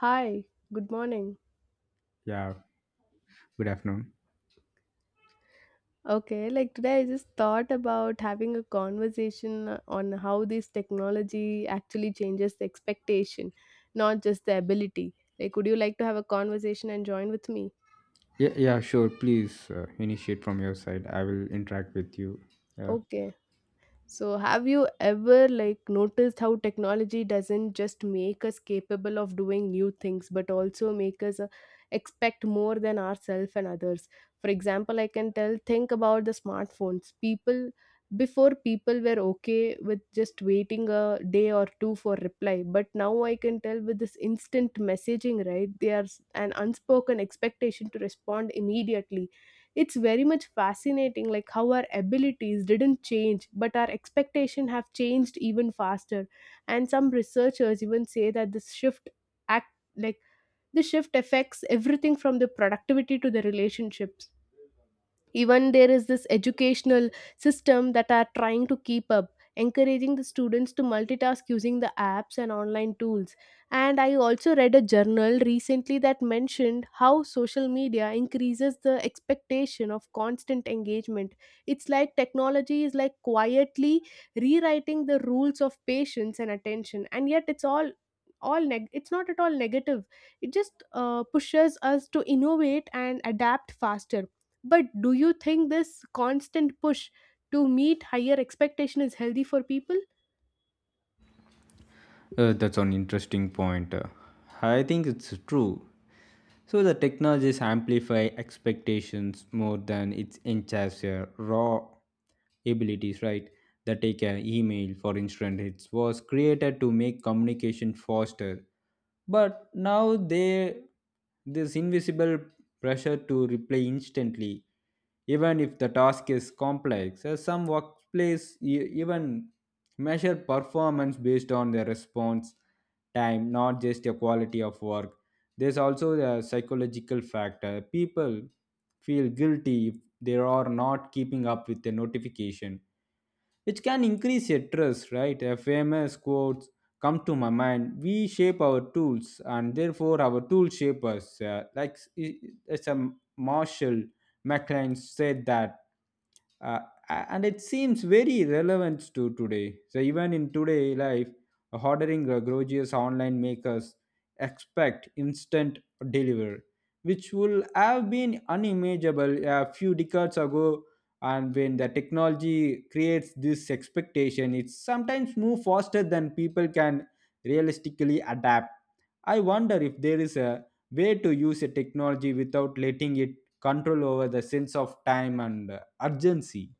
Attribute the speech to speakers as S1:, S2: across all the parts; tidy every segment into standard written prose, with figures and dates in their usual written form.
S1: Hi, good morning.
S2: Yeah, good afternoon.
S1: Okay, like today I just thought about having a conversation on how this technology actually changes the expectation, not just the ability. Like, would you like to have a conversation and join with me?
S2: Yeah, yeah, sure. Please initiate from your side. I will interact with you. Yeah.
S1: Okay. So, have you ever like noticed how technology doesn't just make us capable of doing new things, but also make us expect more than ourselves and others? For example, I can tell think about the smartphones. People before people were okay with just waiting a day or two for reply, but now I can tell with this instant messaging, right? There's an unspoken expectation to respond immediately. It's very much fascinating like how our abilities didn't change but our expectation have changed even faster, and some researchers even say that this shift act like the shift affects everything from the productivity to the relationships. Even there is this educational system that are trying to keep up, encouraging the students to multitask using the apps and online tools. And I also read a journal recently that mentioned how social media increases the expectation of constant engagement. It's like technology is like quietly rewriting the rules of patience and attention, and yet it's all it's not at all negative. It just pushes us to innovate and adapt faster. But do you think this constant push to meet higher expectation is healthy for people?
S2: That's an interesting point. I think it's true. So the technologies amplify expectations more than it enhances your raw abilities, right? That take an email, for instance, it was created to make communication faster, but now they this invisible pressure to reply instantly, even if the task is complex. As some workplace even measure performance based on their response time, not just the quality of work. There's also a psychological factor. People feel guilty if they are not keeping up with the notification, which can increase your trust, right? A famous quotes come to my mind. We shape our tools, and therefore our tools shape us. It's a Marshall McLean said that uh, and it seems very relevant to today, so even in today life, ordering a gorgeous online makers expect instant delivery, which would have been unimaginable a few decades ago. And when the technology creates this expectation, it sometimes moves faster than people can realistically adapt. I wonder if there is a way to use a technology without letting it control over the sense of time and urgency.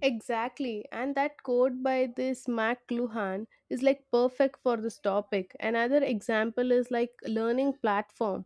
S1: Exactly, and that quote by this McLuhan is like perfect for this topic. Another example is like learning platform.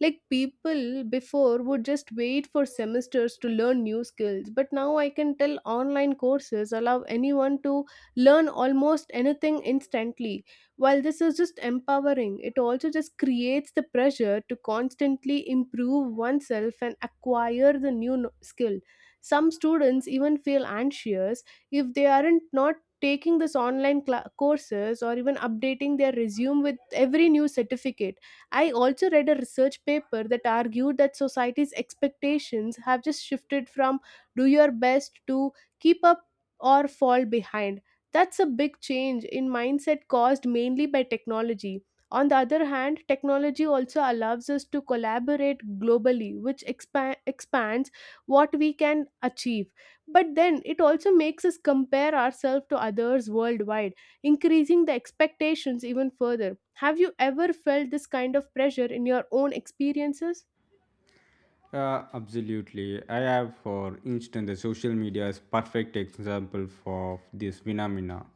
S1: Like people before would just wait for semesters to learn new skills, but now I can tell online courses allow anyone to learn almost anything instantly. While this is just empowering, it also just creates the pressure to constantly improve oneself and acquire the new no- skill. Some students even feel anxious if they aren't not taking this online cla courses or even updating their resume with every new certificate. I also read a research paper that argued that society's expectations have just shifted from do your best to keep up or fall behind. That's a big change in mindset caused mainly by technology. On the other hand, technology also allows us to collaborate globally, which expands what we can achieve, but then it also makes us compare ourselves to others worldwide, increasing the expectations even further. Have you ever felt this kind of pressure in your own experiences?
S2: Absolutely. I have, for instance, the social media is perfect example for this phenomena.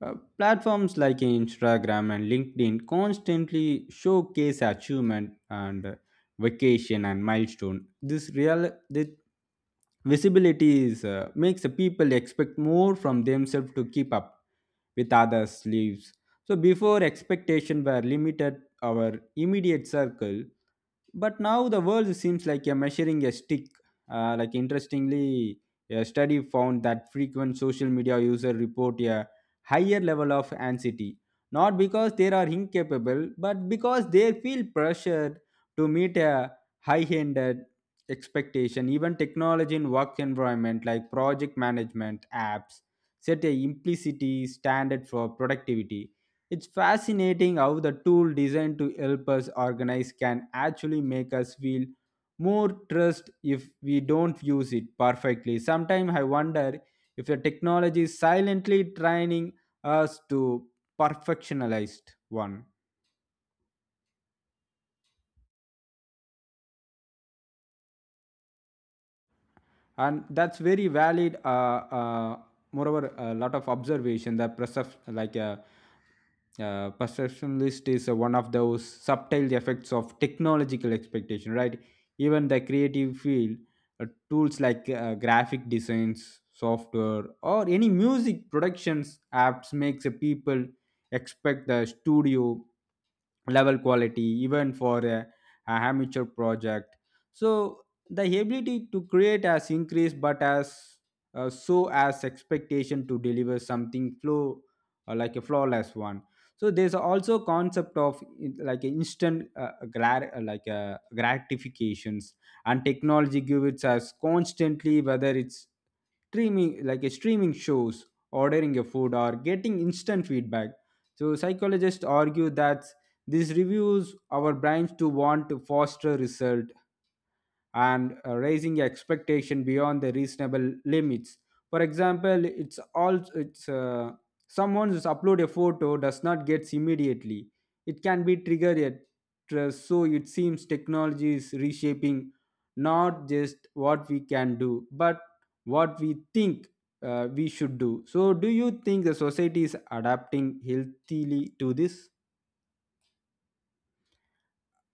S2: Platforms like Instagram and LinkedIn constantly showcase achievement and vacation and milestone. This visibility is, makes the people expect more from themselves to keep up with others' lives. So before expectation were limited our immediate circle, but now the world seems like a measuring a stick. Like interestingly, a study found that frequent social media user report a higher level of anxiety, not because they are incapable, but because they feel pressured to meet a high-handed expectation. Even technology in work environment like project management apps set a implicit standard for productivity. It's fascinating how the tool designed to help us organize can actually make us feel more trust if we don't use it perfectly. Sometimes I wonder if the technology is silently training as to perfectionalized one, and that's very valid. Moreover, a lot of observation that perceptionalist is one of those subtle effects of technological expectation, right? Even the creative field, tools like graphic designs software or any music productions apps makes a people expect the studio level quality even for a amateur project, so the ability to create has increased, but as so as expectation to deliver something flow, like a flawless one. So there's also concept of in- like a instant gratifications, and technology gives us constantly whether it's streaming, like a streaming shows, ordering a food, or getting instant feedback. So psychologists argue that this reviews our brains to want to foster result and raising expectation beyond the reasonable limits. For example, it's all it's someone's upload a photo does not get immediately. It can be triggered at trust. So it seems technology is reshaping not just what we can do, but what we think we should do. So, do you think the society is adapting healthily to this?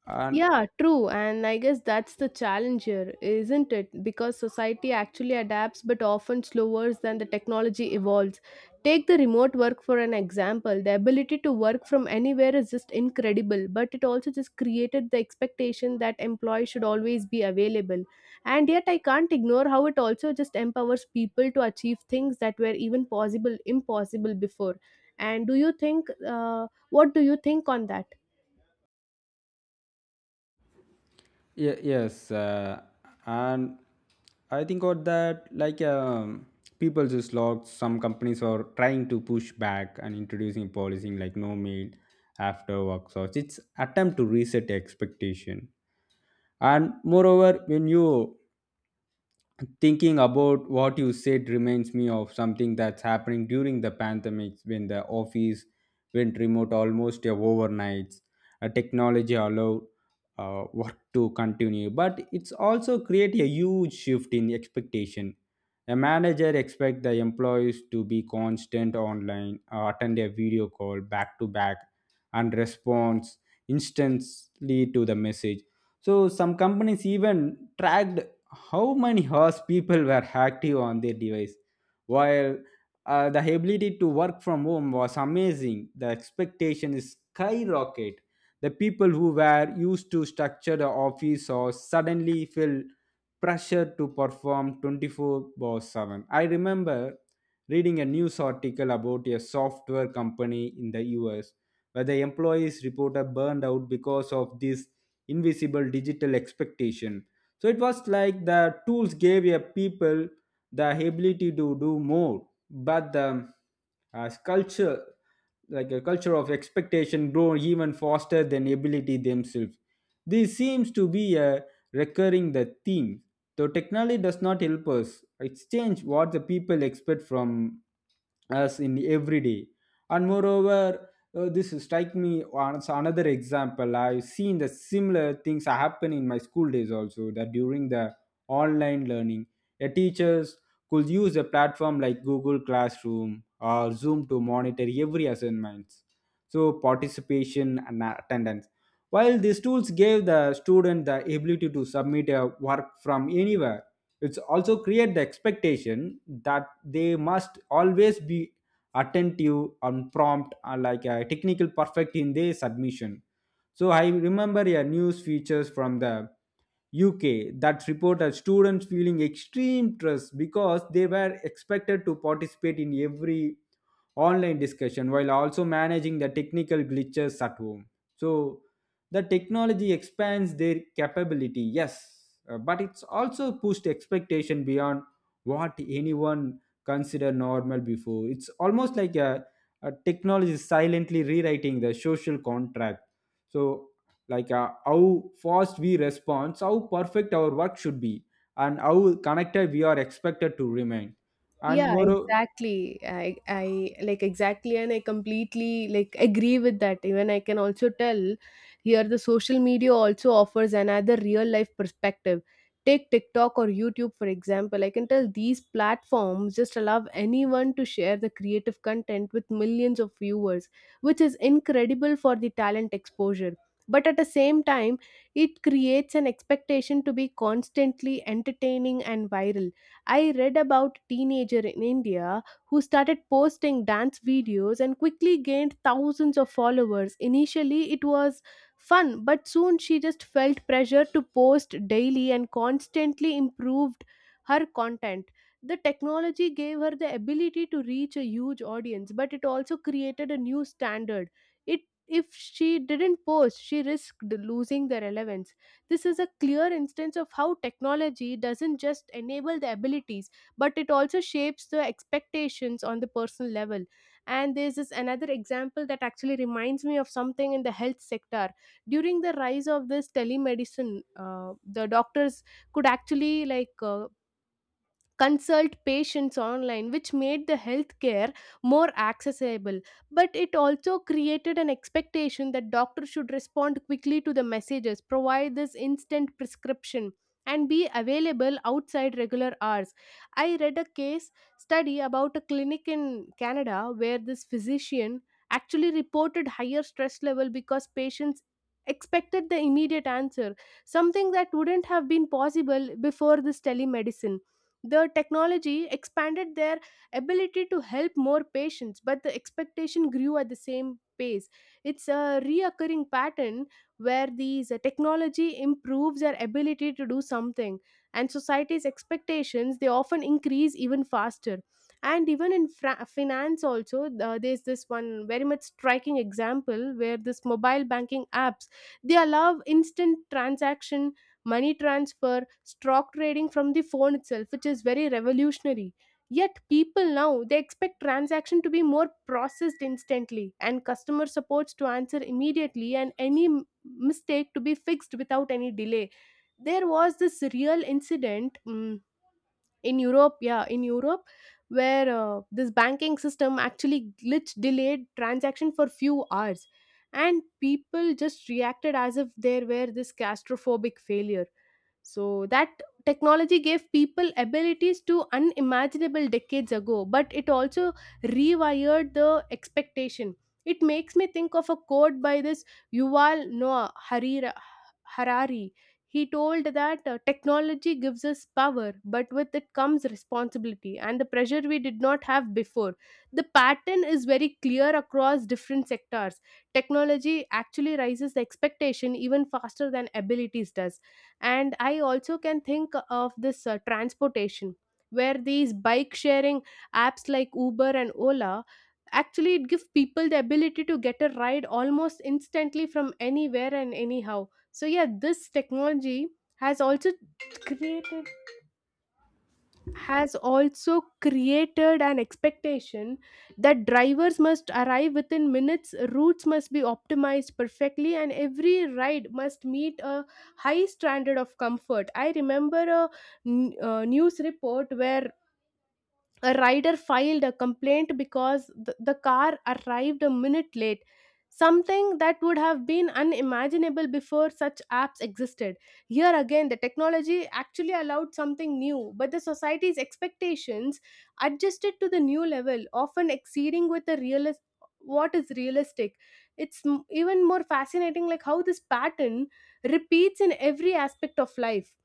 S2: And
S1: Yeah, true. And I guess that's the challenge here, isn't it? Because society actually adapts but often slower than the technology evolves. Take the remote work for an example. The ability to work from anywhere is just incredible, but it also just created the expectation that employees should always be available. And yet, I can't ignore how it also just empowers people to achieve things that were even possible, impossible before. And do you think, what do you think on that?
S2: Yes, and I think of that like people just logged. Some companies are trying to push back and introducing policing like no mail after work hours. It's attempt to reset expectation. And moreover, when you thinking about what you said reminds me of something that's happening during the pandemic when the office went remote almost overnight. Technology allowed work to continue, but it's also create a huge shift in expectation. A manager expect the employees to be constant online, attend a video call back to back, and response instantly to the message. So some companies even tracked how many hours people were active on their device while the ability to work from home was amazing. The expectation is skyrocket. The people who were used to structured office or suddenly feel pressure to perform 24 by 7. I remember reading a news article about a software company in the us where the employees reported burned out because of this invisible digital expectation. So it was like the tools gave a people the ability to do more, but the culture, like a culture of expectation, grow even faster than ability themselves. This seems to be a recurring the theme. Though technology does not help us, it's changed what the people expect from us in every day. And moreover, this strike me as another example. I've seen the similar things happen in my school days also. That during the online learning, the teachers could use a platform like Google Classroom or Zoom to monitor every assignments, so participation and attendance. While these tools gave the student the ability to submit a work from anywhere, it's also create the expectation that they must always be attentive and prompt are like a technical perfect in their submission. So I remember a news features from the UK that reported students feeling extreme stress because they were expected to participate in every online discussion while also managing the technical glitches at home. So the technology expands their capability, yes, but it's also pushed expectation beyond what anyone consider normal before. It's almost like a technology is silently rewriting the social contract. So, like how fast we respond, how perfect our work should be, and how connected we are expected to remain. And
S1: Yeah,
S2: more,
S1: exactly, I like exactly, and I completely like agree with that. Even I can also tell here the social media also offers another real life perspective. Take TikTok or YouTube for example, I can tell these platforms just allow anyone to share the creative content with millions of viewers, which is incredible for the talent exposure. But at the same time, it creates an expectation to be constantly entertaining and viral. I read about teenager in India who started posting dance videos and quickly gained thousands of followers. Initially, it was fun, but soon she just felt pressure to post daily and constantly improved her content. The technology gave her the ability to reach a huge audience, but it also created a new standard. It, if she didn't post, she risked losing the relevance. This is a clear instance of how technology doesn't just enable the abilities, but it also shapes the expectations on the personal level. And there's this another example that actually reminds me of something in the health sector. During the rise of this telemedicine, the doctors could actually like consult patients online, which made the healthcare more accessible. But it also created an expectation that doctors should respond quickly to the messages, provide this instant prescription, and be available outside regular hours. I read a case study about a clinic in Canada where this physician actually reported higher stress level because patients expected the immediate answer, something that wouldn't have been possible before this telemedicine. The technology expanded their ability to help more patients, but the expectation grew at the same pace. It's a reoccurring pattern where these technology improves our ability to do something, and society's expectations, they often increase even faster. And even in finance also, there's this one very much striking example where this mobile banking apps, they allow instant transaction, money transfer, stock trading from the phone itself, which is very revolutionary. Yet people now they expect transaction to be more processed instantly and customer supports to answer immediately and any mistake to be fixed without any delay. There was this real incident, in Europe, yeah, in Europe, where this banking system actually glitch delayed transaction for few hours and people just reacted as if there were this claustrophobic failure. So that technology gave people abilities to unimaginable decades ago, but it also rewired the expectation. It makes me think of a quote by this Yuval Noah Harira, Harari. He told that technology gives us power, but with it comes responsibility and the pressure we did not have before. The pattern is very clear across different sectors. Technology actually raises the expectation even faster than abilities does. And I also can think of this transportation where these bike sharing apps like Uber and Ola, actually it gives people the ability to get a ride almost instantly from anywhere and anyhow. So yeah, this technology has also created has also created an expectation that drivers must arrive within minutes, routes must be optimized perfectly, and every ride must meet a high standard of comfort. I remember a news report where a rider filed a complaint because the car arrived a minute late, something that would have been unimaginable before such apps existed. Here again the technology actually allowed something new, but the society's expectations adjusted to the new level, often exceeding with the what is realistic. It's even more fascinating like how this pattern repeats in every aspect of life.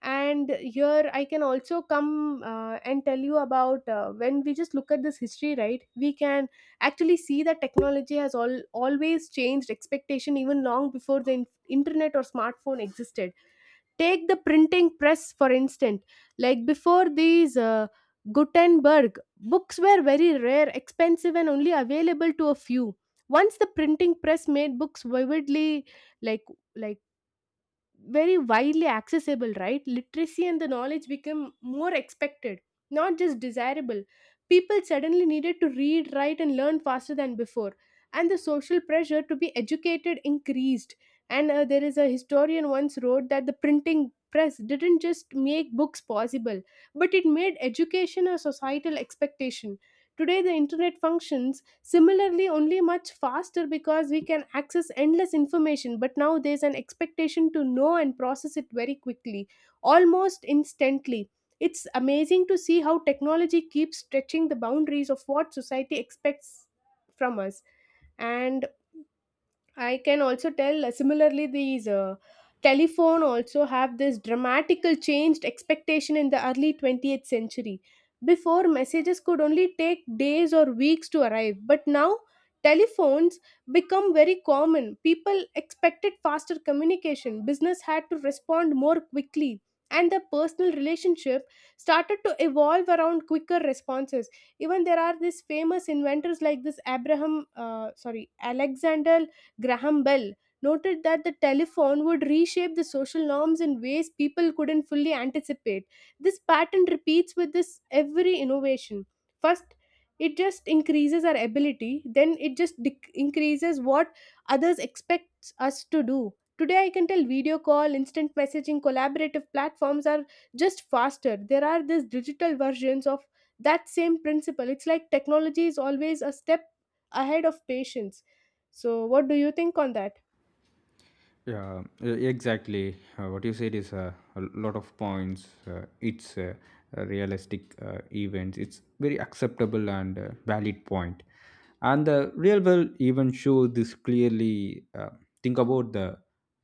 S1: And here I can also come and tell you about when we just look at this history, right, we can actually see that technology has always changed expectation even long before the internet or smartphone existed. Take the printing press for instance. Like before these Gutenberg, books were very rare, expensive, and only available to a few. Once the printing press made books vividly, like like very widely accessible, right, literacy and the knowledge became more expected, not just desirable. People suddenly needed to read, write, and learn faster than before, and the social pressure to be educated increased. And there is a historian once wrote that the printing press didn't just make books possible, but it made education a societal expectation. Today the internet functions similarly, only much faster, because we can access endless information, but now there's an expectation to know and process it very quickly, almost instantly. It's amazing to see how technology keeps stretching the boundaries of what society expects from us. And I can also tell similarly these telephone also have this dramatical changed expectation in the early 20th century. Before messages could only take days or weeks to arrive, but now telephones become very common. People expected faster communication, business had to respond more quickly, and the personal relationship started to evolve around quicker responses. Even there are these famous inventors like this Alexander Graham Bell noted that the telephone would reshape the social norms in ways people couldn't fully anticipate. This pattern repeats with this every innovation. First, it just increases our ability, then it just increases what others expect us to do. Today, I can tell video call, instant messaging, collaborative platforms are just faster. There are these digital versions of that same principle. It's like technology is always a step ahead of patience. So, what do you think on that?
S2: yeah, exactly. What you said is a lot of points. It's a realistic events. It's very acceptable and valid point. And the real world even show this clearly. Think about the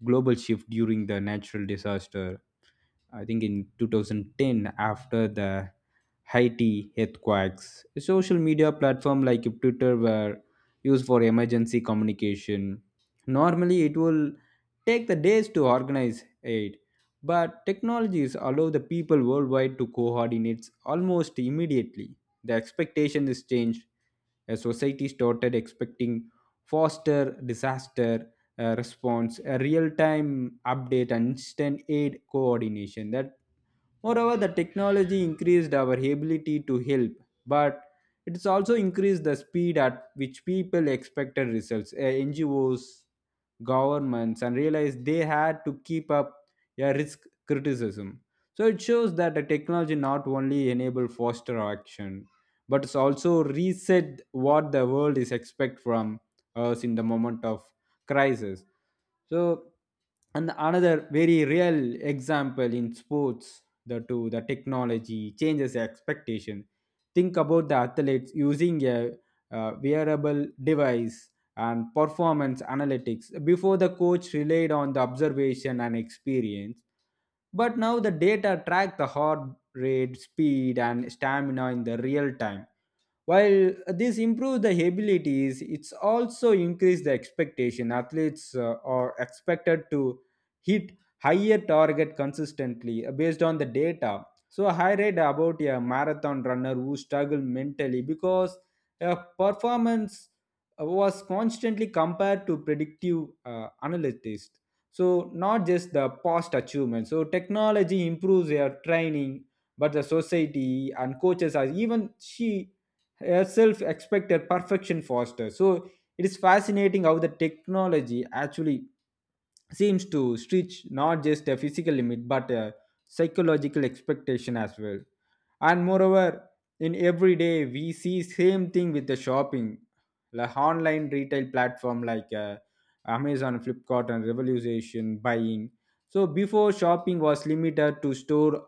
S2: global shift during the natural disaster. I think in 2010 after the Haiti earthquakes, social media platform like Twitter were used for emergency communication. Normally, it will take the days to organize it, but technologies allow the people worldwide to coordinate almost immediately. The expectation is changed. A society started expecting faster disaster response, a real-time update, and instant aid coordination. That moreover, the technology increased our ability to help, but it's also increased the speed at which people expected results. NGOs, governments and realized they had to keep up a risk criticism. So it shows that the technology not only enable foster action, but it's also reset what the world is expect from us in the moment of crisis. So, and another very real example in sports, the technology changes expectation. Think about the athletes using a wearable device and performance analytics. Before the coach relied on the observation and experience, but now the data track the heart rate, speed, and stamina in the real time. While this improves the abilities, it's also increased the expectation. Athletes are expected to hit higher target consistently based on the data. So I read about a marathon runner who struggled mentally because her performance was constantly compared to predictive analytics. So not just the past achievement. So technology improves their training, but the society and coaches are even she self expected perfection foster. So it is fascinating how the technology actually seems to stretch not just a physical limit but a psychological expectation as well. And moreover, in every day we see same thing with the shopping, like online retail platform like Amazon, Flipkart, and revolution buying. So before shopping was limited to store,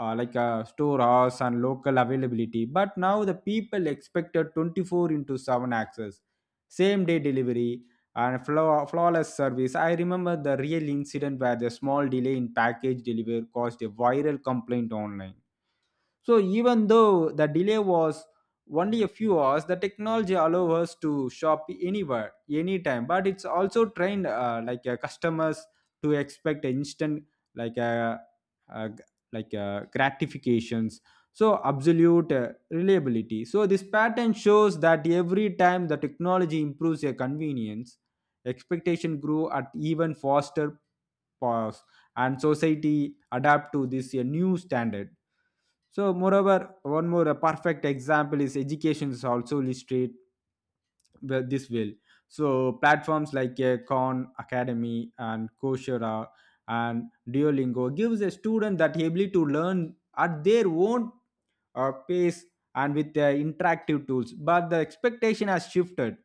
S2: like a storehouse and local availability. But now the people expected 24 into 7 access, same day delivery, and flawless service. I remember the real incident where the small delay in package delivery caused a viral complaint online. So even though the delay was only a few hours, the technology allows us to shop anywhere, anytime. But it's also trained customers to expect instant like uh, uh, g- gratifications. So absolute reliability. So this pattern shows that every time the technology improves your convenience, expectation grew at even faster pause, and society adapt to this new standard. So, moreover, one more a perfect example is education is also illustrate this well. So, platforms like Khan Academy and Coursera and Duolingo gives a student that ability to learn at their own pace and with interactive tools, but the expectation has shifted.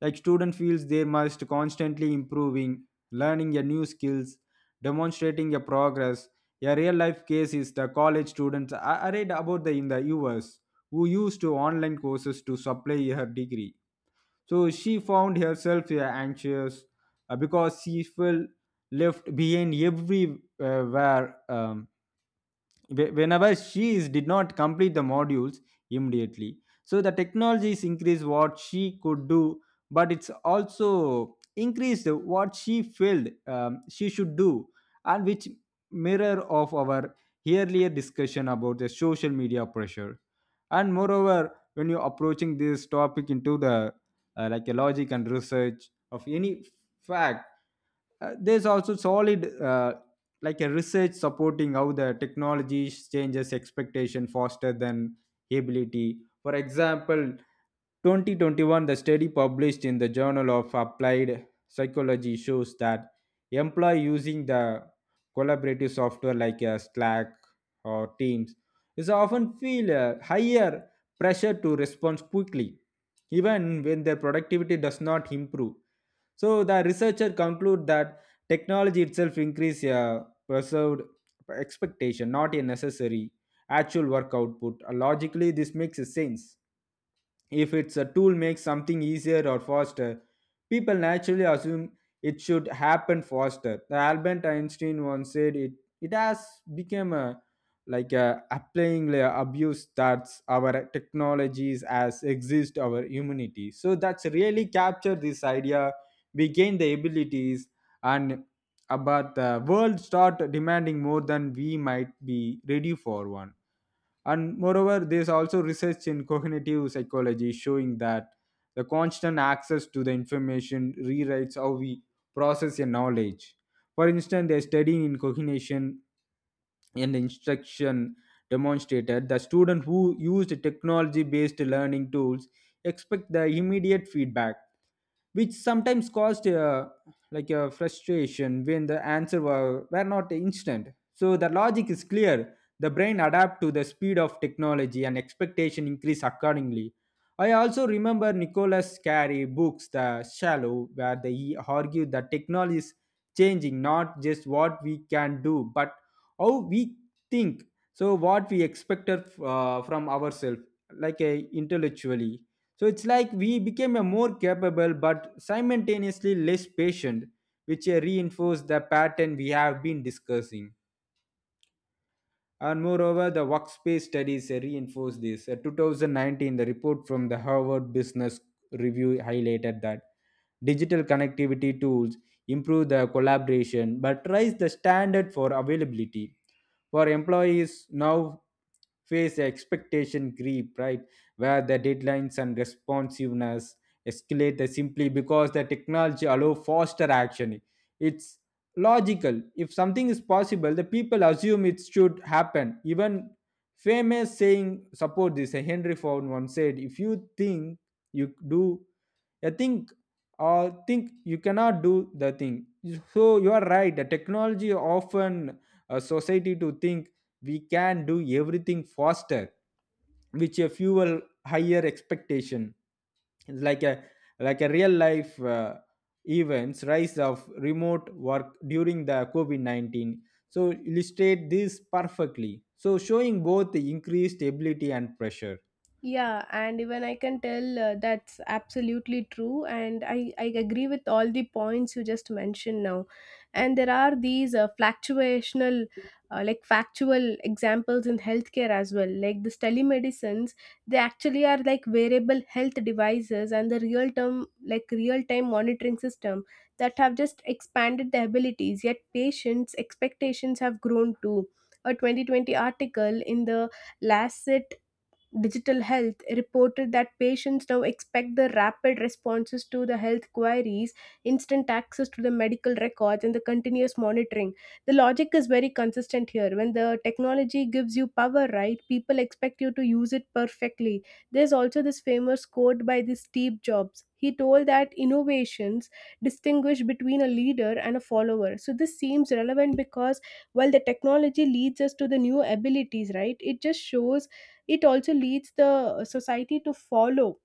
S2: Like student feels they must constantly improving, learning a new skills, demonstrating a progress. A real life case is the college students I read about the in the us who used to online courses to supply her degree. So she found herself anxious because she felt left behind everywhere, um, whenever did not complete the modules immediately. So the technologies increased what she could do, but it's also increased what she felt she should do, and which mirror of our earlier discussion about the social media pressure. And moreover, when you're approaching this topic into the like a logic and research of any fact, there's also solid like a research supporting how the technology changes expectation faster than ability. For example, 2021 the study published in the Journal of Applied Psychology shows that employee using the collaborative software like Slack or Teams is often feel a higher pressure to respond quickly even when their productivity does not improve. So the researcher conclude that technology itself increase a perceived expectation, not a necessary actual work output. Logically, this makes sense. If it's a tool makes something easier or faster, people naturally assume it should happen faster. Albert Einstein once said it it has become a like a applying layer abuse that our technologies as exist our humanity, so that's really capture this idea. We gain the abilities, and about the world start demanding more than we might be ready for one. And moreover, there's also research in cognitive psychology showing that the constant access to the information rewrites how we process your knowledge. For instance, there's study in cognition and instruction demonstrated that students who used technology based learning tools expect the immediate feedback, which sometimes caused like a frustration when the answer were not instant. So the logic is clear, the brain adapt to the speed of technology and expectation increase accordingly. I also remember Nicholas Carey books The Shallow where they he argued that technology is changing not just what we can do but how we think, so what we expected from ourselves like intellectually. So it's like we became a more capable but simultaneously less patient, which reinforced the pattern we have been discussing. And moreover, the workspace studies reinforce this. 2019, the report from the Harvard Business Review highlighted that digital connectivity tools improve the collaboration but raise the standard for availability. For employees now face the expectation creep, right? Where the deadlines and responsiveness escalate simply because the technology allow faster action. It's logical. If something is possible, the people assume it should happen. Even famous saying support this. Henry Ford once said, "If you think you do a thing, or think you cannot do the thing." So you are right. The technology often a society to think we can do everything faster, which a fuel higher expectation. It's like a real life events rise of remote work during the covid-19, so illustrate this perfectly, so showing both the increased ability and pressure.
S1: Yeah, and even I can tell that's absolutely true, and I agree with all the points you just mentioned now. And there are these fluctuational, like factual examples in healthcare as well. Like this telemedicines, they actually are like wearable health devices and the real term, like real time monitoring system that have just expanded the abilities. Yet patients' expectations have grown too. A 2020 article in the Lancet Digital Health reported that patients now expect the rapid responses to the health queries, instant access to the medical records, and the continuous monitoring. The logic is very consistent here. When the technology gives you power, right, people expect you to use it perfectly. There's also this famous quote by this Steve Jobs. He told that innovations distinguish between a leader and a follower. So this seems relevant because while the technology leads us to the new abilities, right? It just shows it also leads the society to follow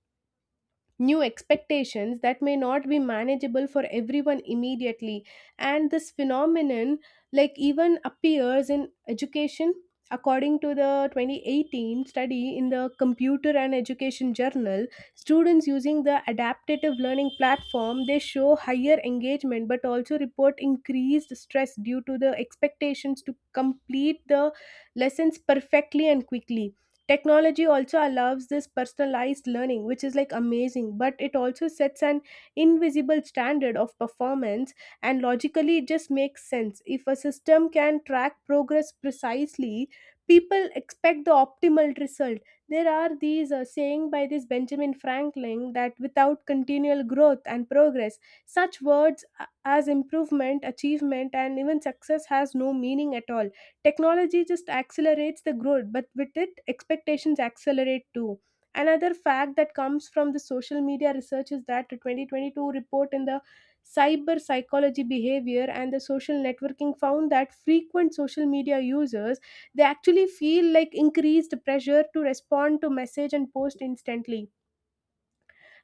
S1: new expectations that may not be manageable for everyone immediately. And this phenomenon, like, even appears in education. According to the 2018 study in the Computer and Education Journal, students using the adaptive learning platform they show higher engagement but also report increased stress due to the expectations to complete the lessons perfectly and quickly. Technology also allows this personalized learning, which is like amazing, but it also sets an invisible standard of performance, and logically it just makes sense. If a system can track progress precisely, people expect the optimal result. There are these saying by this Benjamin Franklin that without continual growth and progress, such words as improvement, achievement, and even success has no meaning at all. Technology just accelerates the growth, but with it, expectations accelerate too. Another fact that comes from the social media research is that the 2022 report in the cyber psychology behavior and the social networking found that frequent social media users they actually feel like increased pressure to respond to message and post instantly.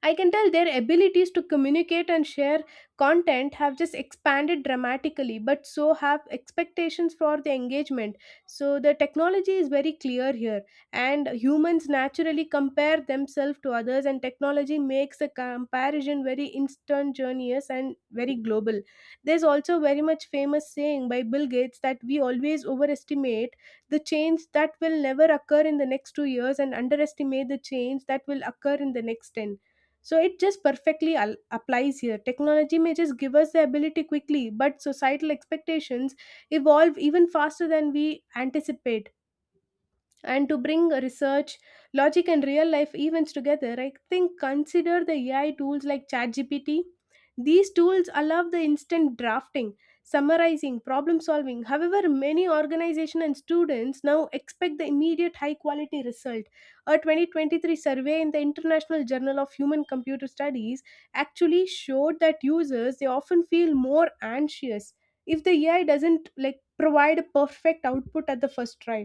S1: I can tell their abilities to communicate and share content have just expanded dramatically, but so have expectations for the engagement. So the technology is very clear here, and humans naturally compare themselves to others, and technology makes the comparison very instantaneous and very global. There's also very much famous saying by Bill Gates that we always overestimate the change that will never occur in the next 2 years and underestimate the change that will occur in the next 10. So it just perfectly applies here. Technology may just give us the ability quickly, but societal expectations evolve even faster than we anticipate. And to bring research, logic and real life events together, I think consider the AI tools like ChatGPT. These tools allow the instant drafting, summarizing, problem solving. However, many organizations and students now expect the immediate high quality result. A 2023 survey in the international journal of human computer studies actually showed that users they often feel more anxious if the AI doesn't like provide a perfect output at the first try.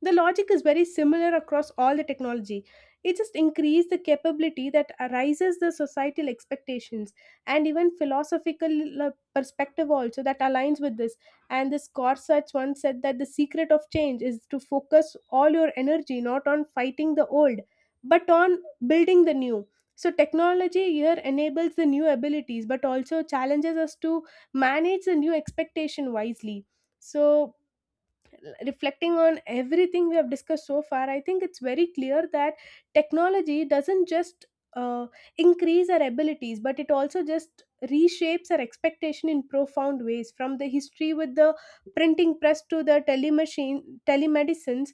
S1: The logic is very similar across all the technology. It just increased the capability that arises the societal expectations, and even philosophical perspective also that aligns with this. And this Gorsuch once said that the secret of change is to focus all your energy not on fighting the old, but on building the new. So technology here enables the new abilities, but also challenges us to manage the new expectation wisely. So reflecting on everything we have discussed so far, I think it's very clear that technology doesn't just uh, increase our abilities, but it also just reshapes our expectation in profound ways. From the history with the printing press to the telemachine telemedicines,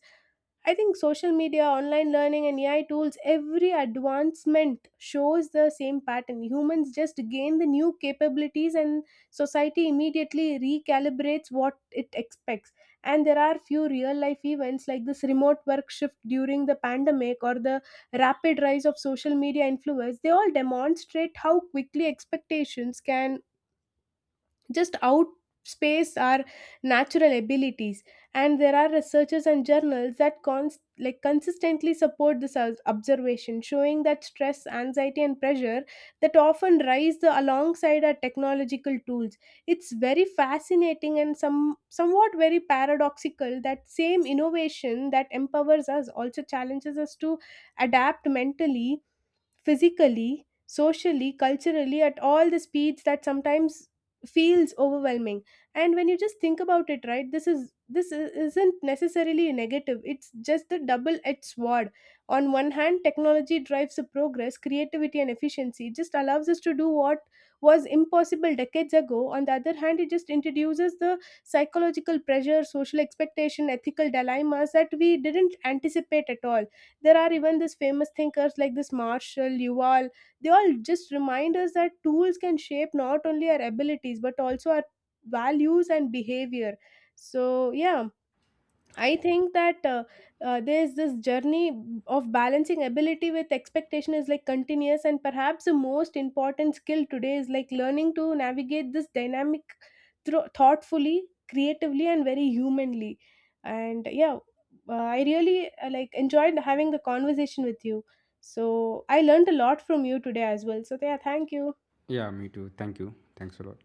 S1: I think social media, online learning, and AI tools, every advancement shows the same pattern. Humans just gain the new capabilities, and society immediately recalibrates what it expects. And there are few real life events like this remote work shift during the pandemic or the rapid rise of social media influence. They all demonstrate how quickly expectations can just outspace our natural abilities. And there are researchers and journals that like consistently support this observation, showing that stress, anxiety and pressure that often rise alongside our technological tools. It's very fascinating and somewhat very paradoxical that same innovation that empowers us also challenges us to adapt mentally, physically, socially, culturally at all the speeds that sometimes feels overwhelming. And when you just think about it, right, this isn't necessarily a negative. It's just the double-edged sword. On one hand, technology drives the progress, creativity, and efficiency. It just allows us to do what was impossible decades ago. On the other hand, it just introduces the psychological pressure, social expectation, ethical dilemmas that we didn't anticipate at all. There are even these famous thinkers like this Marshall Yuval, they all just remind us that tools can shape not only our abilities but also our values and behavior. So yeah, I think that there's this journey of balancing ability with expectation is like continuous, and perhaps the most important skill today is like learning to navigate this dynamic thoughtfully, creatively, and very humanly. And yeah, I really like enjoyed having the conversation with you. So I learned a lot from you today as well. So yeah, thank you.
S2: Yeah, me too. Thank you. Thanks a lot.